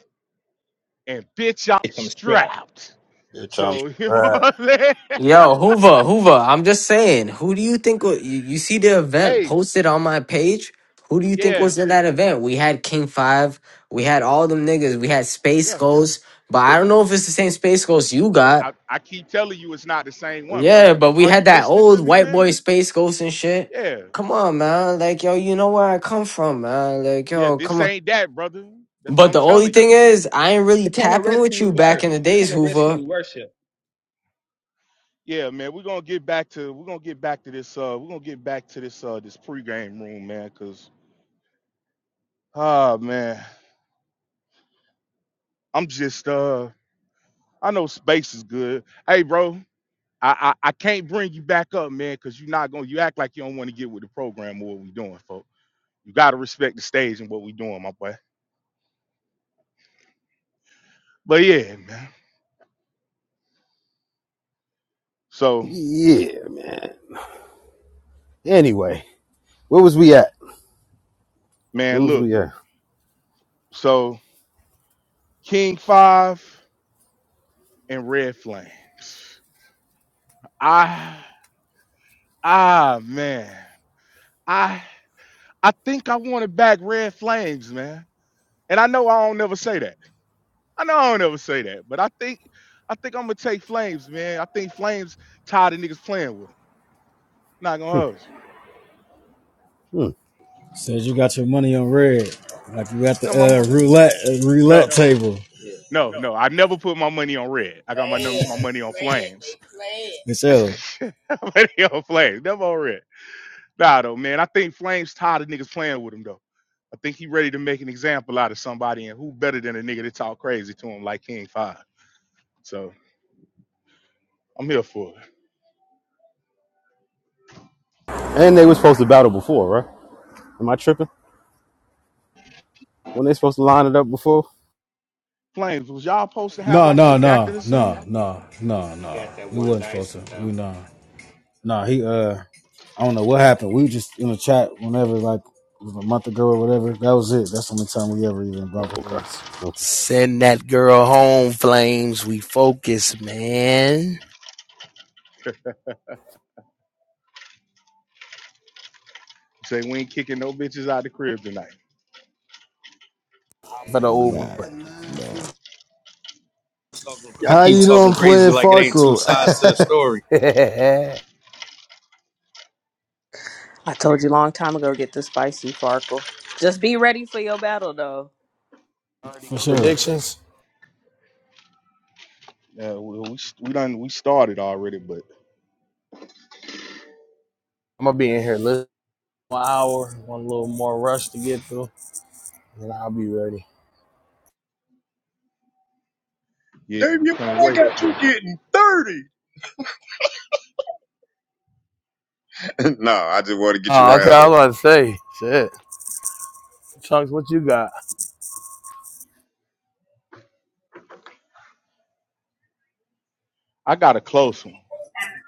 Speaker 1: And bitch, I'm
Speaker 7: It's some strap.
Speaker 1: strapped.
Speaker 10: Bitch, I'm
Speaker 1: So you know
Speaker 10: all
Speaker 1: what I'm saying?
Speaker 4: Yo, Hoover, Hoover, I'm just saying, who do you think wa- you, you see the event
Speaker 1: Hey,
Speaker 4: posted on my page? Who do you think
Speaker 1: yeah,
Speaker 4: was in that event? We had King Five, we had all them niggas, we had Space
Speaker 1: yeah.
Speaker 4: Ghost, but I don't know if it's the same Space Ghost you
Speaker 1: I,
Speaker 4: got.
Speaker 1: I keep telling you it's not the same one, brother.
Speaker 4: Yeah, but
Speaker 1: You
Speaker 4: we
Speaker 1: are you
Speaker 4: had that
Speaker 1: listening to
Speaker 4: old
Speaker 1: me,
Speaker 4: white boy
Speaker 1: man?
Speaker 4: Space Ghost and shit.
Speaker 1: Yeah.
Speaker 4: Come on, man. Like, yo, you know where I come from, man. Like,
Speaker 1: Yeah,
Speaker 4: yo,
Speaker 1: this
Speaker 4: come on.
Speaker 1: ain't that, brother. That's what
Speaker 4: But
Speaker 1: I'm
Speaker 4: the only
Speaker 1: telling you.
Speaker 4: thing is, I ain't really tapping with you back in the days, Hoover.
Speaker 1: Yeah, man, we're gonna get back to we're gonna get back to this uh we're gonna get back to this uh this pregame room, man, cause ah man, I'm just uh I know space is good. Hey bro, I I, I can't bring you back up, man, cause you're not gonna you act like you don't want to get with the program or what we doing, folks. You gotta respect the stage and what we doing, my boy. But yeah, man. So
Speaker 8: Yeah. Anyway, where was we at? Where
Speaker 1: man,
Speaker 8: was
Speaker 1: look,
Speaker 8: we at?
Speaker 1: so King Five and Red Flames. I ah man. I I think I wanted back red flames, man. And I know I don't never say that. I know I don't ever say that, but I think I think I'm gonna take flames, man. I think flames tired of niggas playing with them. Not gonna hold you.
Speaker 8: Hmm.
Speaker 6: Says you got your money on red. Like you at
Speaker 1: I
Speaker 6: the
Speaker 1: got my mo-
Speaker 6: uh, roulette uh, roulette
Speaker 1: no,
Speaker 6: table. Man,
Speaker 1: no, no. I never put my money on red. I got my num- my
Speaker 6: they
Speaker 1: money on
Speaker 6: playing. They
Speaker 1: flames.
Speaker 6: playing. Michelle.
Speaker 1: My money on flames, never on red. Nah, though, man. I think flames tired of niggas playing with him though. I think he ready to make an example out of somebody, and who better than a nigga that talk crazy to him like King Five? So I'm here for it.
Speaker 8: And they were supposed to battle before, right? Am I tripping? When they supposed to line it up before?
Speaker 1: Flames, was y'all supposed to have
Speaker 6: No,
Speaker 1: like a
Speaker 6: no, no,
Speaker 1: redacted or something?
Speaker 6: no, no, no, no. We wasn't supposed to. We nah. Nah, he uh I don't know what happened. We just in a chat whenever like it was a month ago or whatever. That was it. That's the only time we ever even
Speaker 8: Oh,
Speaker 6: bumped
Speaker 8: okay.
Speaker 6: heads.
Speaker 8: Okay.
Speaker 11: Send that girl home, Flames. We focus, man.
Speaker 1: Say we ain't kicking no bitches out the crib tonight.
Speaker 11: For the Uber.
Speaker 6: Nah.
Speaker 5: Y'all
Speaker 6: How
Speaker 5: keep
Speaker 6: you know
Speaker 5: talking
Speaker 6: I'm
Speaker 5: crazy
Speaker 6: playing
Speaker 5: like it ain't two
Speaker 6: Farco?
Speaker 5: sides to the story.
Speaker 9: I told you long time ago. Get the spicy farkle. Just be ready for your battle though.
Speaker 6: For sure.
Speaker 11: Predictions?
Speaker 1: Yeah, we we, we done we started already, but
Speaker 11: I'm going to be in here less than an hour, one little more rush to get through, and I'll be ready.
Speaker 1: yeah, we can't wait for it.
Speaker 2: no, I just want to get you
Speaker 11: Oh, okay.
Speaker 2: riled
Speaker 11: I was
Speaker 2: up.
Speaker 11: about to say, shit. Chunks, what you got?
Speaker 1: I got a close one.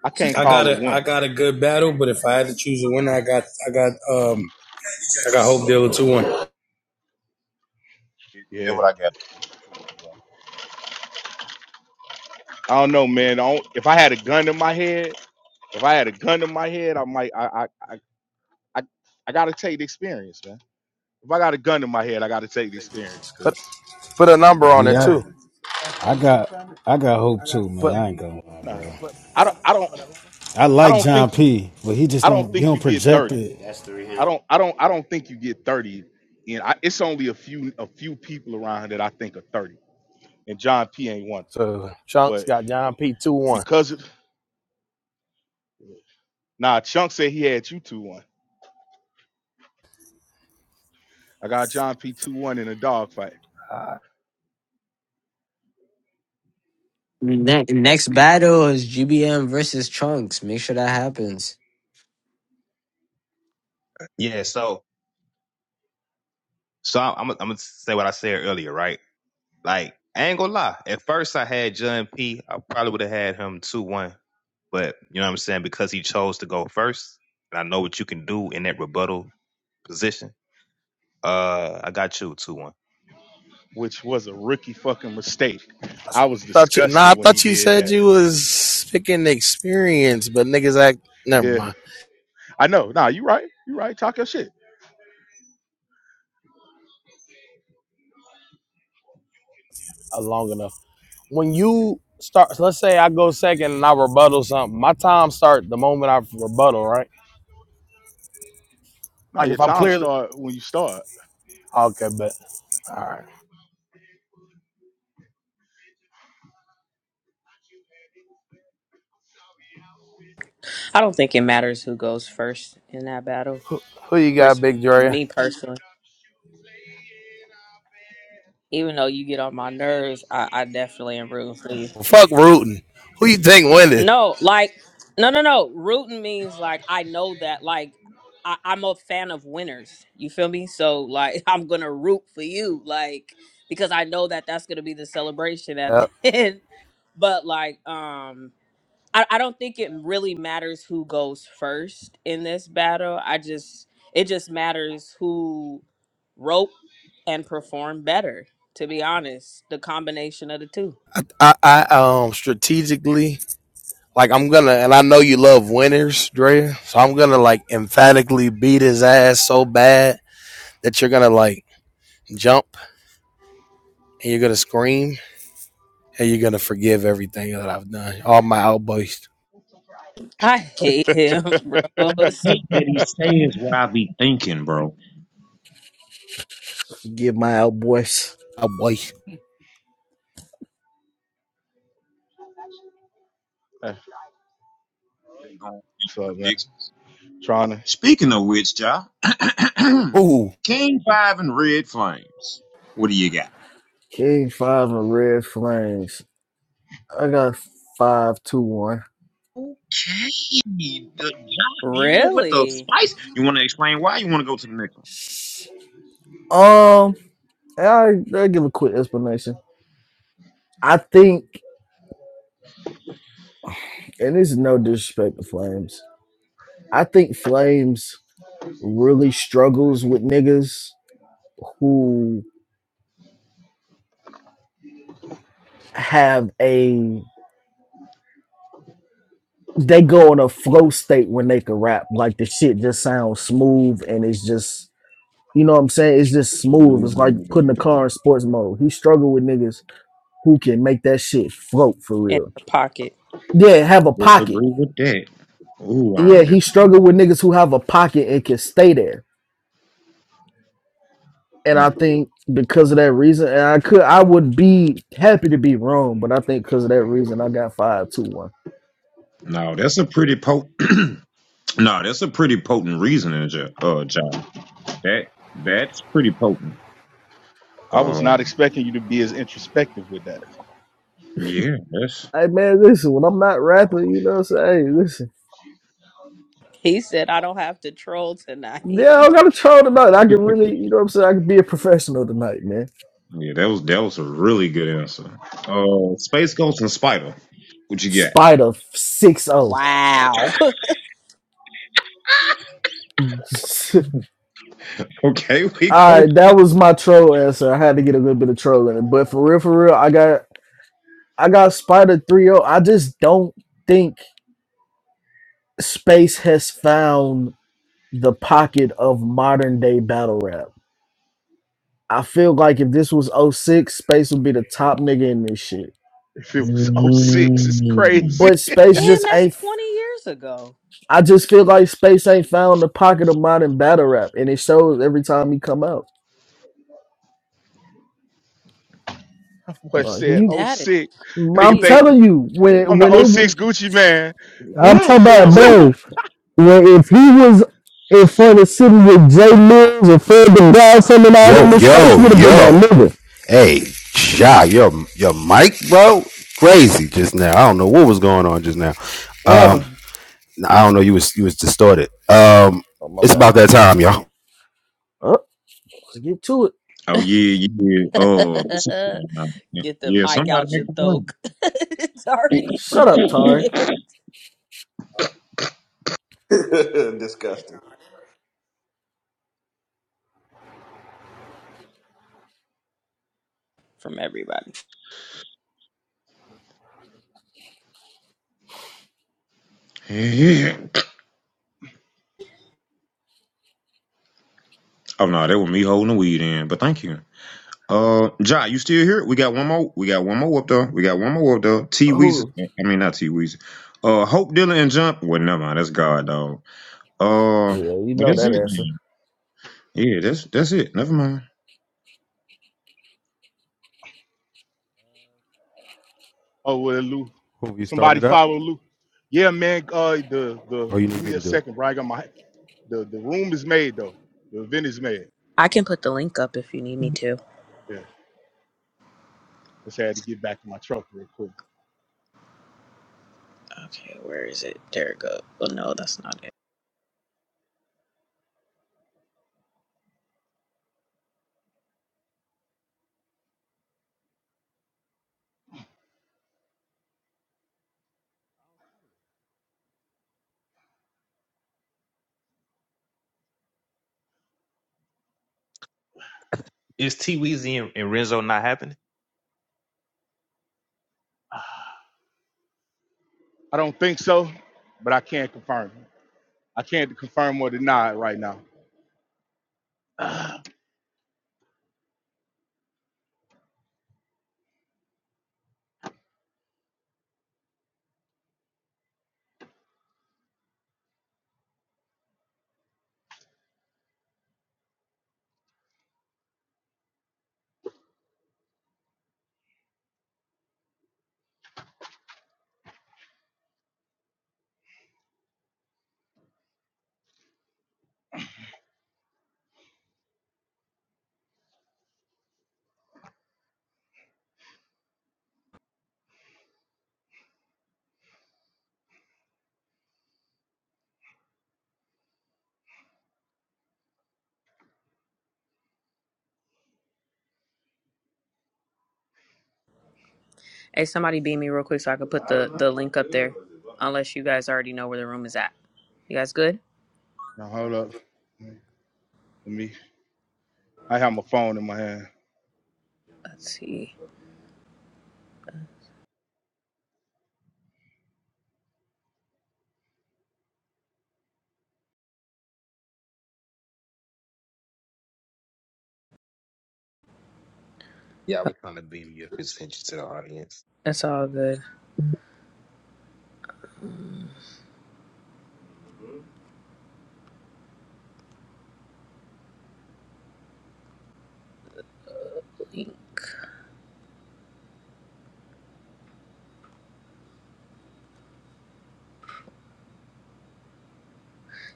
Speaker 1: I can't
Speaker 5: I got
Speaker 1: call a
Speaker 5: a I
Speaker 1: winner.
Speaker 5: got a good battle, but if I had to choose a winner, I got I got um I got Hope Dealer two one.
Speaker 2: That's
Speaker 1: Yeah,
Speaker 2: what I got. Yeah.
Speaker 1: I don't know, man. I don't, if I had a gun in my head, if I had a gun in my head, I might. I I I I, I gotta take the experience, man. If I got a gun in my head, I gotta take the experience,
Speaker 11: Put
Speaker 1: cause
Speaker 11: put a number on it,
Speaker 6: Yeah.
Speaker 11: too.
Speaker 6: I got I got hope too, man.
Speaker 11: Put
Speaker 6: I ain't gonna lie,
Speaker 1: nah,
Speaker 6: bro.
Speaker 1: I don't I don't
Speaker 6: I
Speaker 1: I
Speaker 6: like
Speaker 1: don't
Speaker 6: John
Speaker 1: think
Speaker 6: P, but he just
Speaker 1: I don't
Speaker 6: don't he
Speaker 1: think you
Speaker 6: don't
Speaker 1: get
Speaker 6: project
Speaker 1: thirty.
Speaker 6: it
Speaker 1: I don't I don't I don't think you get 30 and I, it's only a few a few people around here that I think are 30. And John P ain't one.
Speaker 11: So, Chunks
Speaker 1: But
Speaker 11: got John P. 2 1.
Speaker 1: because of, nah Chunk said he had you 2-1. I got John P 2-1 in a dog fight,
Speaker 11: I
Speaker 4: Ne- next battle is GBM versus Trunks. Make sure that happens.
Speaker 7: Yeah, so so I'm I'm gonna say what I said earlier, right? Like, I ain't gonna lie. At first I had John P. I probably would have had him two one. But you know what I'm saying? Because he chose to go first, and I know what you can do in that rebuttal position. Uh I got you two one.
Speaker 1: which was a rookie fucking mistake. I was
Speaker 11: Thought you, nah, I
Speaker 1: disgusted when he
Speaker 11: thought you
Speaker 1: did
Speaker 11: said
Speaker 1: that.
Speaker 11: you was picking experience, but niggas act. Never
Speaker 1: Yeah.
Speaker 11: mind.
Speaker 1: I know. Nah, you right. You right. Talk your shit.
Speaker 11: I was Long enough. when you start let's say I go second and I rebuttal something, my time start the moment I rebuttal, right?
Speaker 1: Nah,
Speaker 11: Like
Speaker 1: your
Speaker 11: if I'm
Speaker 1: time
Speaker 11: clearly
Speaker 1: start when you start.
Speaker 11: okay, bet. all right.
Speaker 9: I don't think it matters who goes first in that battle.
Speaker 11: Who you got,
Speaker 9: Res-
Speaker 11: Big Dre?
Speaker 9: me personally, even though you get on my nerves, I, I definitely am rooting for you.
Speaker 11: Fuck rooting. Who you think winning?
Speaker 9: No, like, no, no, no. Rooting means like I know that, like, I, I'm a fan of winners. You feel me? So, like, I'm gonna root for you, like, because I know that that's gonna be the celebration at the
Speaker 11: Yep.
Speaker 9: end. But like, um, I, I don't think it really matters who goes first in this battle. I just it just matters who wrote and performed better. To be honest, the combination of the two.
Speaker 11: I, I um strategically like I'm gonna and I know you love winners, Dre, so I'm gonna like emphatically beat his ass so bad that you're gonna like jump and you're gonna scream and you're gonna forgive everything that I've done. All my outbursts.
Speaker 9: I hate
Speaker 1: What's
Speaker 9: him, bro. It's
Speaker 2: Hate that he says what I be thinking, bro.
Speaker 12: Get my out, boys.
Speaker 11: Outbursts.
Speaker 2: They're going to make
Speaker 1: up, man?
Speaker 2: predictions.
Speaker 1: Trying to
Speaker 2: Speaking of which, y'all.
Speaker 11: Ooh.
Speaker 2: King Five and Red Flames. What do you got?
Speaker 12: King five and red flames. I got five two one.
Speaker 2: Hey, the Josh here with the
Speaker 9: really
Speaker 2: spice. You want to explain why? You want to go to the next one?
Speaker 12: Um, I I give a quick explanation. I think, and this is no disrespect to Flames. I think Flames really struggles with niggas who have a they go in a flow state when they can rap. Like the shit just sounds smooth and it's just you know what I'm saying? It's just smooth. It's like
Speaker 2: Ooh,
Speaker 12: putting the car in sports mode. He struggled with niggas who can make that shit float for
Speaker 9: in
Speaker 12: real.
Speaker 9: her pocket.
Speaker 12: Yeah,
Speaker 2: I
Speaker 12: have a
Speaker 2: don't
Speaker 12: pocket.
Speaker 2: disagree with that. Ooh, I
Speaker 12: Yeah,
Speaker 2: don't
Speaker 12: he
Speaker 2: disagree
Speaker 12: struggled with
Speaker 2: with
Speaker 12: niggas who have a pocket and can stay there. And
Speaker 2: that.
Speaker 12: I
Speaker 2: Mm.
Speaker 12: think because of that reason, and I could, I would be happy to be wrong, but I think because of that reason, I got five two one.
Speaker 2: No, that's a pretty potent. no, that's a pretty potent reasoning, Jo- uh, Josh. That that's pretty potent.
Speaker 1: I was not
Speaker 2: Um,
Speaker 1: expecting you to be as introspective with that.
Speaker 2: yeah, that's
Speaker 12: Hey man, listen, when I'm not rapping, you know what I'm saying? Hey, listen,
Speaker 9: He said, "I don't have to troll tonight."
Speaker 12: yeah, I don't got a troll tonight. I can really, you know what I'm saying? I can be a professional tonight, man.
Speaker 2: yeah. That was that was a really good answer. Uh, Space Ghost and Spider. What you got?
Speaker 12: Spider six zero.
Speaker 9: wow.
Speaker 2: Okay, we
Speaker 12: All
Speaker 2: go.
Speaker 12: right, that was my troll answer. I had to get a little bit of troll in it, but for real, for real, I got I got Spider three oh. I just don't think space has found the pocket of modern day battle rap. I feel like if this was oh six, space would be the top nigga in this shit.
Speaker 1: If it was '06, it's crazy.
Speaker 12: But space
Speaker 9: Damn,
Speaker 12: just
Speaker 9: that's
Speaker 12: ain't.
Speaker 9: twenty years ago.
Speaker 12: I just feel like space ain't found the pocket of modern battle rap, and it shows every time he come out.
Speaker 1: Boy
Speaker 12: Like,
Speaker 1: said
Speaker 12: he,
Speaker 1: oh
Speaker 9: That is
Speaker 1: 06.
Speaker 12: I'm
Speaker 1: Nigga think
Speaker 9: crazy.
Speaker 12: telling you, when
Speaker 1: I'm
Speaker 12: when
Speaker 1: the '06
Speaker 12: it,
Speaker 1: Gucci man.
Speaker 12: I'm talking about
Speaker 2: Mm.
Speaker 12: bro. Where if he was in front of City with Jay Mills or Fred the guy coming out
Speaker 8: Yo,
Speaker 12: in this space,
Speaker 8: yo,
Speaker 12: would have been
Speaker 8: yo.
Speaker 12: that nigga.
Speaker 8: Hey, Shy, your your mic, bro, crazy just now. I don't know what was going on just now.
Speaker 12: What happened?
Speaker 8: Um, I don't know. You was you was distorted. Um,
Speaker 12: Oh my
Speaker 8: it's
Speaker 12: bad.
Speaker 8: about that time, y'all.
Speaker 12: Oh, let's get to it.
Speaker 2: Oh yeah, yeah. Oh,
Speaker 9: Get the
Speaker 2: yeah.
Speaker 9: mic
Speaker 2: Somebody
Speaker 9: out
Speaker 2: make
Speaker 9: your
Speaker 2: a
Speaker 9: throat.
Speaker 2: run.
Speaker 9: it's already
Speaker 12: Shut up, Tari.
Speaker 9: stupid
Speaker 10: right. Disgusting.
Speaker 9: from everybody.
Speaker 2: Yeah. Oh no, that was me holding the weed in. But thank you. Uh, Ja, you still here? We got one more. We got one more up there. We got one more up there. T Weezy.
Speaker 12: Oh,
Speaker 2: I mean, not T Weezy. Uh, Hope Dylan and Jump. Well, never mind. That's God, dog.
Speaker 12: oh,
Speaker 2: Uh,
Speaker 12: yeah, you
Speaker 2: but
Speaker 12: know
Speaker 2: that's
Speaker 12: that
Speaker 2: it.
Speaker 12: answer.
Speaker 2: Man. Yeah, that's that's it. Never mind.
Speaker 1: oh well Lou.
Speaker 8: Who you starting
Speaker 1: Somebody
Speaker 8: it up,
Speaker 1: follow Lou. Yeah, man. Uh the the
Speaker 8: or you
Speaker 1: give
Speaker 8: need me
Speaker 1: me
Speaker 8: to
Speaker 1: a
Speaker 8: do it?
Speaker 1: second, bro. I got my the, the room is made though. The event is made.
Speaker 9: I can put the link up if you need me to.
Speaker 1: Yeah. Just had to get back in my truck real quick.
Speaker 9: Okay, where is it? There it goes. Oh no, that's not it.
Speaker 7: Is T Weezy and, and Renzo not happening?
Speaker 1: I don't think so, but I can't confirm. I can't confirm or deny it right now. now
Speaker 9: Hey, somebody beam me real quick so I can put the, the link up there. Unless you guys already know where the room is at. You guys good?
Speaker 1: hold up. Let me I have my phone in my hand.
Speaker 9: Let's see.
Speaker 7: Yeah, I was trying to beam your up to the audience.
Speaker 9: It's all good. Link.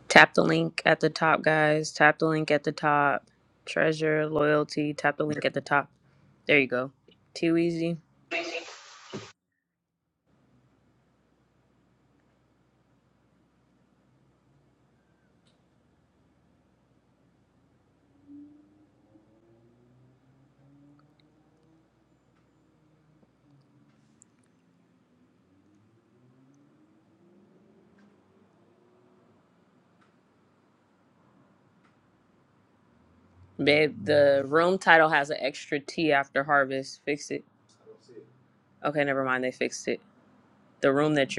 Speaker 9: Tap the link at the top, guys. Tap the link at the top. Treasure, loyalty. Tap the link at the top. There you go. Too easy. Babe, the room title has an extra T after harvest. Fix it. Okay, never mind. They fixed it. The room that